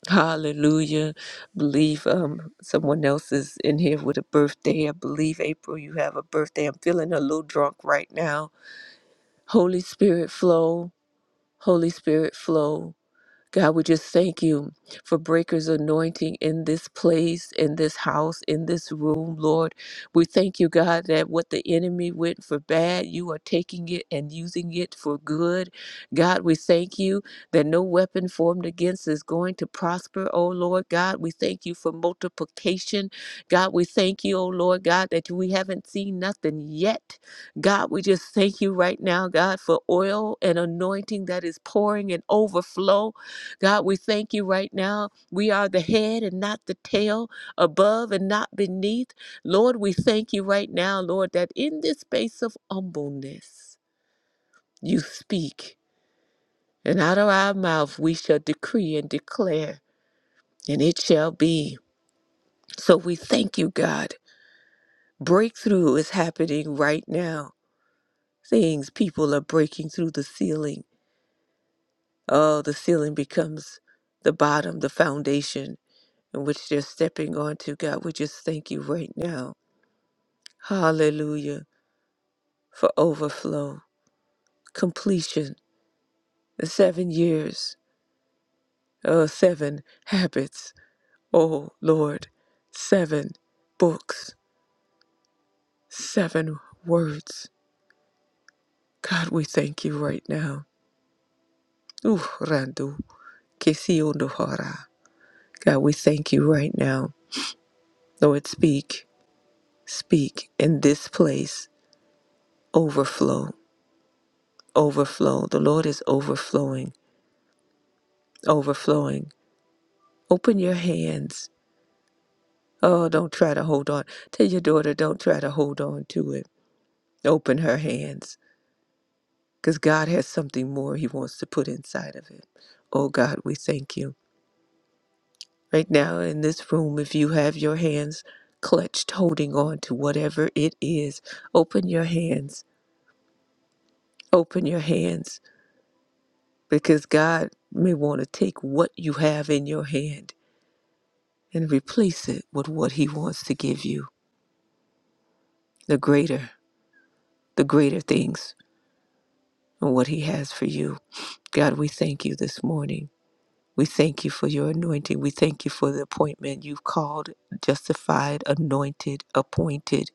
[SPEAKER 2] Hallelujah. Believe um someone else is in here with a birthday. I believe April you have a birthday. I'm feeling a little drunk right now. Holy Spirit flow. Holy Spirit flow. God, we just thank you for Breaker's anointing in this place, in this house, in this room, Lord. We thank you, God, that what the enemy went for bad, you are taking it and using it for good. God, we thank you that no weapon formed against is going to prosper, oh Lord God. We thank you for multiplication. God, we thank you, oh Lord God, that we haven't seen nothing yet. God, we just thank you right now, God, for oil and anointing that is pouring and overflow. God, we thank you right now. We are the head and not the tail, above and not beneath. Lord, we thank you right now, Lord, that in this space of humbleness, you speak, and out of our mouth we shall decree and declare, and it shall be. So we thank you, God. Breakthrough is happening right now. Things, people are breaking through the ceiling. Oh, the ceiling becomes the bottom, the foundation in which they're stepping onto, God. We just thank you right now. Hallelujah for overflow, completion, the seven years, oh, seven habits. Oh, Lord, seven books, seven words. God, we thank you right now. Ooh, Randu, Kesiondohara. God, we thank you right now. Lord, speak, speak in this place. Overflow, overflow. The Lord is overflowing. overflowing. Open your hands. Oh, don't try to hold on. Tell your daughter, don't try to hold on to it. Open her hands because God has something more He wants to put inside of it. Oh, God, we thank you. Right now in this room, if you have your hands clutched, holding on to whatever it is, open your hands. Open your hands because God may want to take what you have in your hand and replace it with what He wants to give you, the greater. the greater things and what He has for you. God, we thank you this morning. We thank you for your anointing. We thank you for the appointment you've called, justified, anointed, appointed.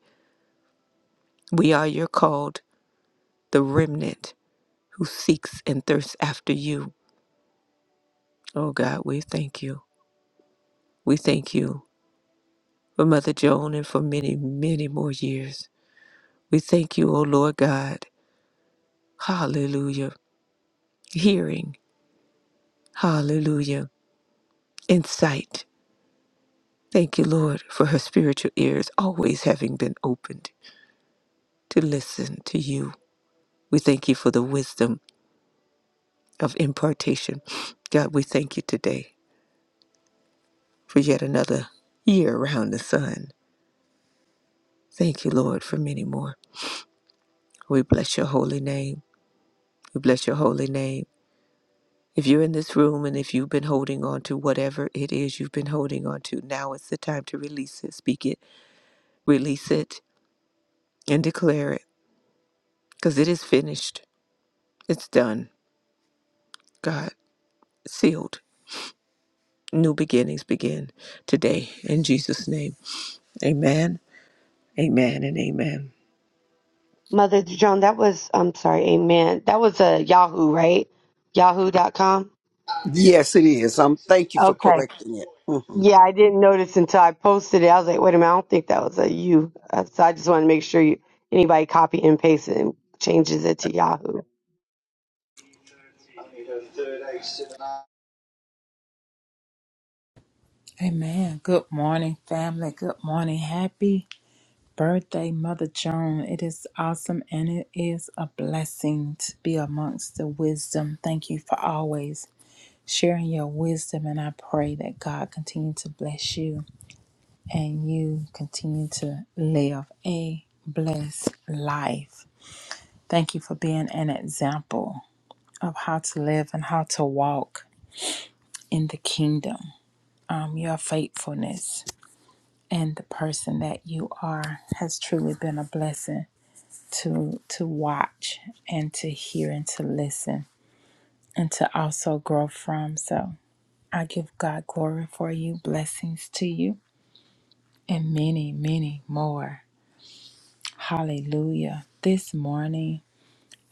[SPEAKER 2] We are your called, the remnant who seeks and thirsts after you. Oh God, we thank you. We thank you for Mother Joan and for many, many more years. We thank you, O Lord God. Hallelujah. Hearing. Hallelujah. Insight. Thank you, Lord, for her spiritual ears always having been opened to listen to you. We thank you for the wisdom of impartation. God, we thank you today for yet another year around the sun. Thank you, Lord, for many more. We bless your holy name. We bless your holy name. If you're in this room and if you've been holding on to whatever it is you've been holding on to, now is the time to release it. Speak it, release it, and declare it because it is finished. It's done, God, sealed New beginnings begin today in Jesus' name. Amen, amen, and amen.
[SPEAKER 4] Mother Joan, that was, I'm sorry, amen. That was a Yahoo, right? Yahoo.com.
[SPEAKER 3] Yes, it is. Um, thank you for correcting it. Mm-hmm.
[SPEAKER 4] Yeah, I didn't notice until I posted it. I was like, wait a minute, I don't think that was a you. Uh, So I just want to make sure you, anybody copy and pastes it and changes it to Yahoo.
[SPEAKER 5] Amen. Good morning, family. Good morning. Happy birthday, Mother Joan. It is awesome and it is a blessing to be amongst the wisdom. Thank you for always sharing your wisdom. And I pray that God continue to bless you and you continue to live a blessed life. Thank you for being an example of how to live and how to walk in the kingdom. Um, your faithfulness and the person that you are has truly been a blessing to to watch and to hear and to listen and to also grow from so i give god glory for you blessings to you and many many more hallelujah this morning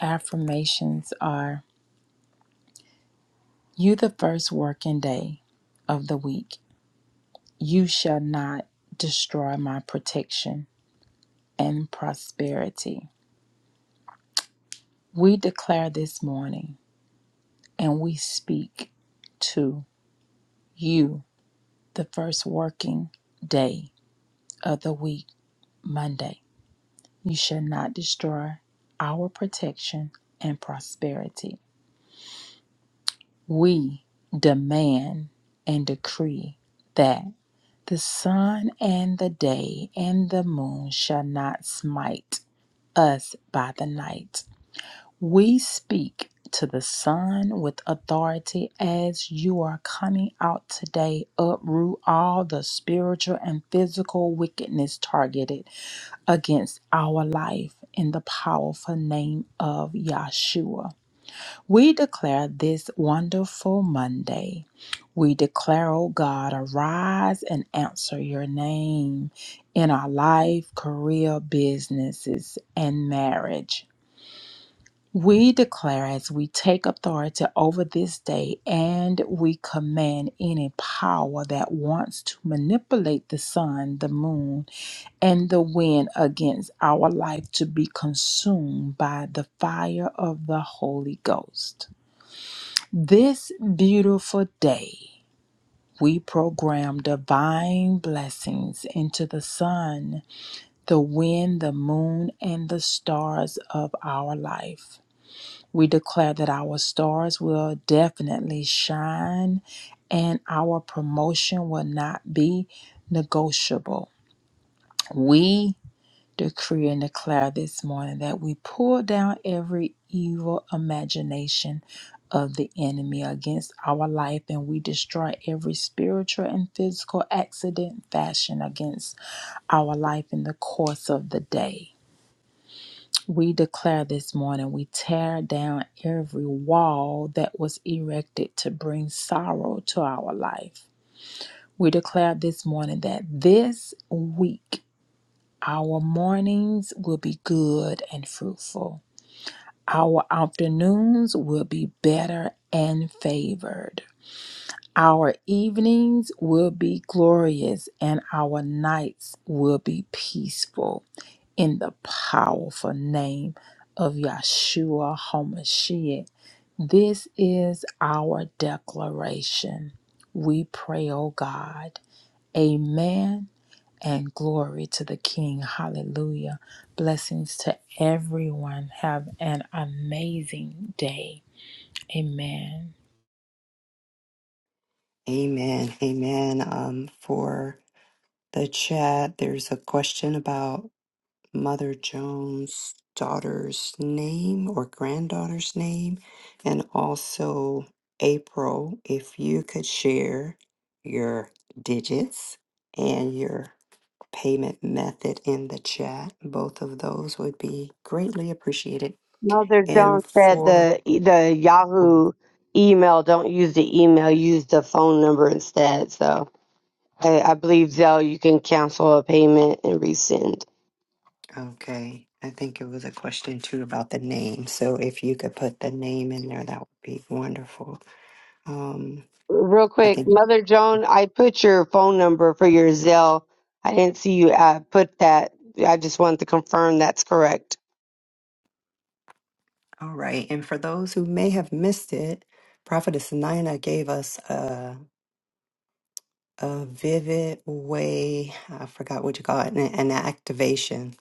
[SPEAKER 5] affirmations are you the first working day of the week you shall not destroy my protection and prosperity we declare this morning and we speak to you the first working day of the week, Monday. You shall not destroy our protection and prosperity. We demand and decree that the sun and the day and the moon shall not smite us by the night We speak to the sun with authority as you are coming out today. Uproot all the spiritual and physical wickedness targeted against our life in the powerful name of Yahshua. We declare this wonderful Monday. We declare, O God, arise and answer your name in our life, career, businesses, and marriage. We declare as we take authority over this day and we command any power that wants to manipulate the sun, the moon, and the wind against our life to be consumed by the fire of the Holy Ghost. This beautiful day, we program divine blessings into the sun, the wind, the moon, and the stars of our life. We declare that our stars will definitely shine and our promotion will not be negotiable. We decree and declare this morning that we pull down every evil imagination of the enemy against our life and we destroy every spiritual and physical accident fashioned against our life in the course of the day. We declare this morning we tear down every wall that was erected to bring sorrow to our life. We declare this morning that this week our mornings will be good and fruitful. Our afternoons will be better and favored. Our evenings will be glorious and our nights will be peaceful in the powerful name of Yahshua HaMashiach. This is our declaration. We pray, O God. Amen and glory to the King. Hallelujah. Blessings to everyone. Have an amazing day. Amen.
[SPEAKER 1] Amen. Amen. Um, for the chat, there's a question about Mother Jones' daughter's name or granddaughter's name, and also April, if you could share your digits and your payment method in the chat, both of those would be greatly appreciated.
[SPEAKER 4] Mother Jones
[SPEAKER 1] And
[SPEAKER 4] said
[SPEAKER 1] for,
[SPEAKER 4] the the
[SPEAKER 1] um,
[SPEAKER 4] Yahoo email, don't use the email, use the phone number instead. So I, I believe, Zell, you can cancel a payment and resend.
[SPEAKER 1] okay, I think it was a question too about the name. So if you could put the name in there, that would be wonderful. Um,
[SPEAKER 4] Real
[SPEAKER 1] I
[SPEAKER 4] quick,
[SPEAKER 1] think.
[SPEAKER 4] Mother Joan, I put your phone number for your Zell. I didn't see you uh, put that. I just wanted to confirm that's correct.
[SPEAKER 1] All right. And for those who may have missed it, Prophetess Nina gave us a, a vivid way, I forgot what you call it, an, an activation.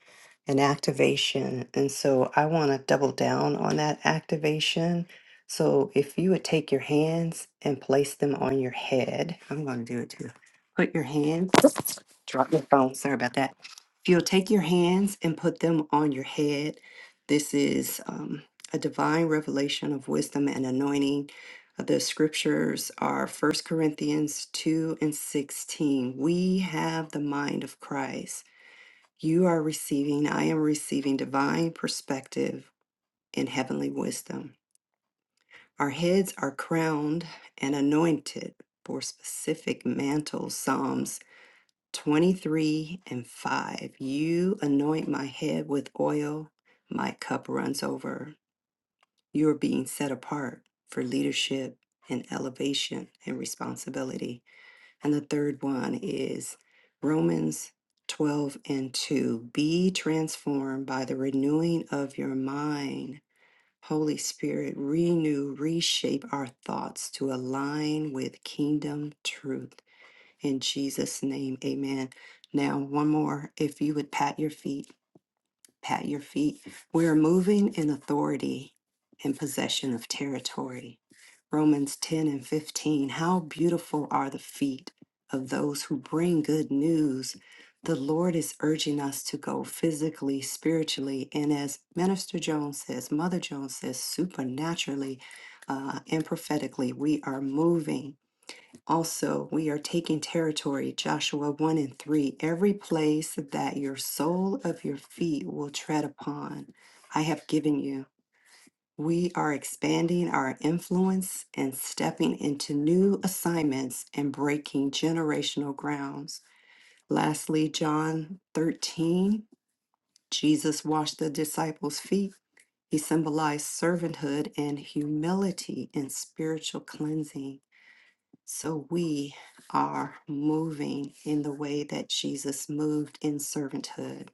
[SPEAKER 1] An activation. And so I want to double down on that activation. So if you would take your hands and place them on your head, I'm going to do it too. Put your hands Drop your phone. Sorry about that. If you'll take your hands and put them on your head, this is um, a divine revelation of wisdom and anointing. The scriptures are First Corinthians 2 and 16. We have the mind of Christ. You are receiving, I am receiving divine perspective and heavenly wisdom. Our heads are crowned and anointed for specific mantles, Psalms 23 and 5. You anoint my head with oil, my cup runs over. You are being set apart for leadership and elevation and responsibility. And the third one is Romans 12 and 2. Be transformed by the renewing of your mind. Holy Spirit, renew, reshape our thoughts to align with kingdom truth. In Jesus' name, amen. Now, one more. If you would pat your feet, pat your feet. We're moving in authority and possession of territory. Romans 10 and 15. How beautiful are the feet of those who bring good news. The Lord is urging us to go physically, spiritually, and as Minister Jones says, Mother Jones says, supernaturally uh, and prophetically, we are moving also, we are taking territory, Joshua 1 and 3, every place that your sole of your feet will tread upon, I have given you. We are expanding our influence and stepping into new assignments and breaking generational grounds. Lastly, John 13, Jesus washed the disciples' feet. He symbolized servanthood and humility and spiritual cleansing. So we are moving in the way that Jesus moved in servanthood.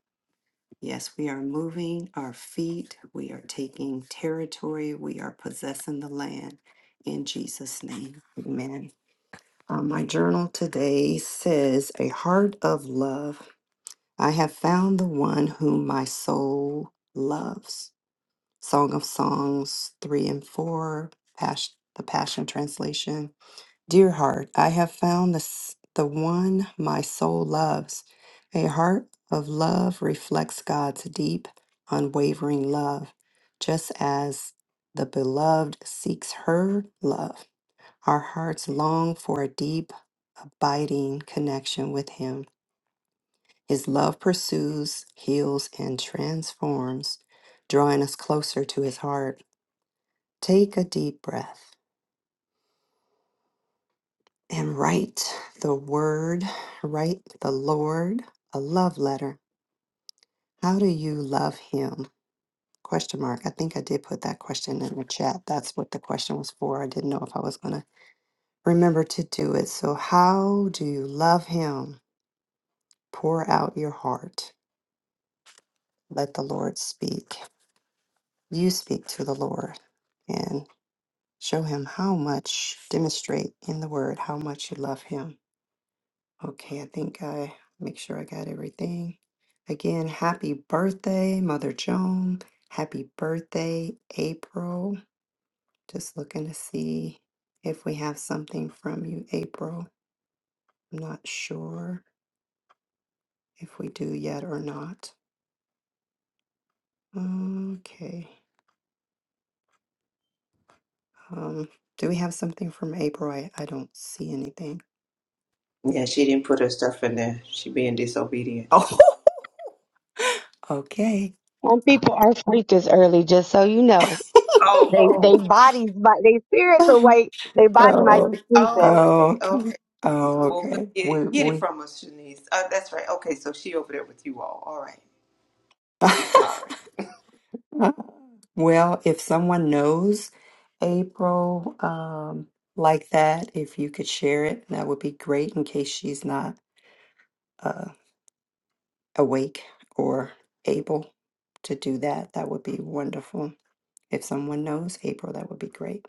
[SPEAKER 1] Yes, we are moving our feet. We are taking territory. We are possessing the land in Jesus' name. Amen. Uh, my journal today says, A heart of love. I have found the one whom my soul loves. Song of Songs 3 and 4, Pas- the Passion Translation. Dear heart, I have found the, s- the one my soul loves. A heart of love reflects God's deep, unwavering love, just as the beloved seeks her love. Our hearts long for a deep, abiding connection with Him. His love pursues, heals, and transforms, drawing us closer to His heart. Take a deep breath and write the word, write the Lord a love letter. How do you love him? Question mark. I think I did put that question in the chat. That's what the question was for. I didn't know if I was going to remember to do it. So, how do you love him? Pour out your heart. Let the Lord speak. You speak to the Lord and show him how much, demonstrate in the word how much you love him. Okay, I think I make sure I got everything. Again, happy birthday, Mother Joan. Happy birthday, April. Just looking to see if we have something from you, April. I'm not sure if we do yet or not. Okay. Um, do we have something from April? I, I don't see anything.
[SPEAKER 2] Yeah, she didn't put her stuff in there. She being disobedient.
[SPEAKER 1] Oh, okay.
[SPEAKER 4] Some people are asleep this early, just so you know.
[SPEAKER 2] Oh,
[SPEAKER 4] They they
[SPEAKER 2] oh,
[SPEAKER 4] bodies, but they spirits awake. Their body might
[SPEAKER 1] Oh,
[SPEAKER 4] be sleeping.
[SPEAKER 2] oh. Okay, okay.
[SPEAKER 1] okay. Oh.
[SPEAKER 2] Well, we'll
[SPEAKER 1] Okay.
[SPEAKER 2] get it,
[SPEAKER 1] We
[SPEAKER 2] get it
[SPEAKER 1] we
[SPEAKER 2] from us, Shanice. Uh, that's right. Okay, so she over there with you all. All right. I'm sorry.
[SPEAKER 1] Uh, Well, if someone knows April um, like that, if you could share it, that would be great in case she's not uh, awake or able to do that. That would be wonderful. If someone knows April, that would be great.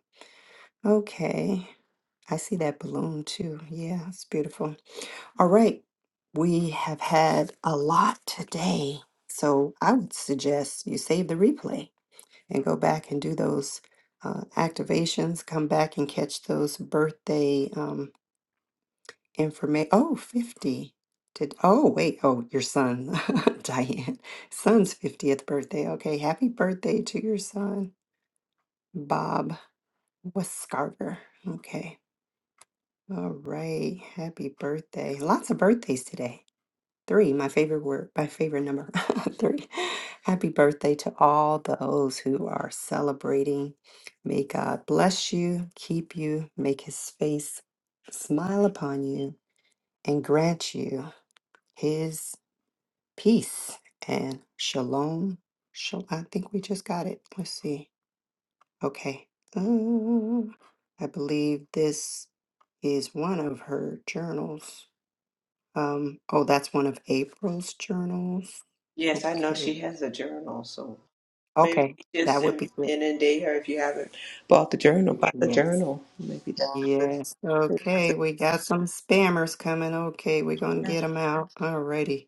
[SPEAKER 1] Okay. I see that balloon too. Yeah, it's beautiful. All right. We have had a lot today. So I would suggest you save the replay and go back and do those uh, activations, come back and catch those birthday um, information. Oh, 50. Did, oh, wait. Oh, your son, Diane. Son's 50th birthday. Okay. Happy birthday to your son, Bob Westcarver. Okay. All right. Happy birthday. Lots of birthdays today. Three, my favorite word, my favorite number. Three. Happy birthday to all those who are celebrating. May God bless you, keep you, make his face smile upon you, and grant you his peace and shalom. Shal- I think we just got it. Let's see. Okay. Um, I believe this is one of her journals. Um, oh, that's one of April's journals.
[SPEAKER 2] Yes, I know she
[SPEAKER 1] Okay.
[SPEAKER 2] has a journal, so maybe
[SPEAKER 1] Okay. That
[SPEAKER 2] just
[SPEAKER 1] would
[SPEAKER 2] in-
[SPEAKER 1] be good.
[SPEAKER 2] inundate her if you haven't bought the journal. Buy the
[SPEAKER 1] Yes.
[SPEAKER 2] journal. Maybe that's. a
[SPEAKER 1] Yes.
[SPEAKER 2] good.
[SPEAKER 1] Okay. We got some spammers coming. Okay. We're going to
[SPEAKER 2] Yeah.
[SPEAKER 1] get them out. Alrighty.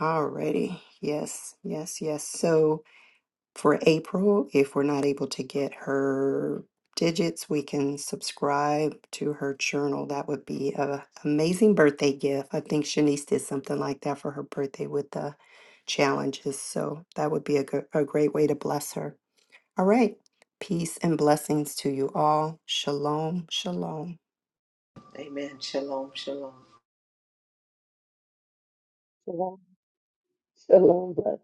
[SPEAKER 1] Alrighty. Yes. Yes. Yes. So. for April, if we're not able to get her digits, we can subscribe to her journal. That would be a amazing birthday gift. I think Shanice did something like that for her birthday with the challenges. So that would be a, gr- a great way to bless her. All right. Peace and blessings to you all. Shalom. Shalom.
[SPEAKER 2] Amen. Shalom. Shalom.
[SPEAKER 4] Shalom, shalom,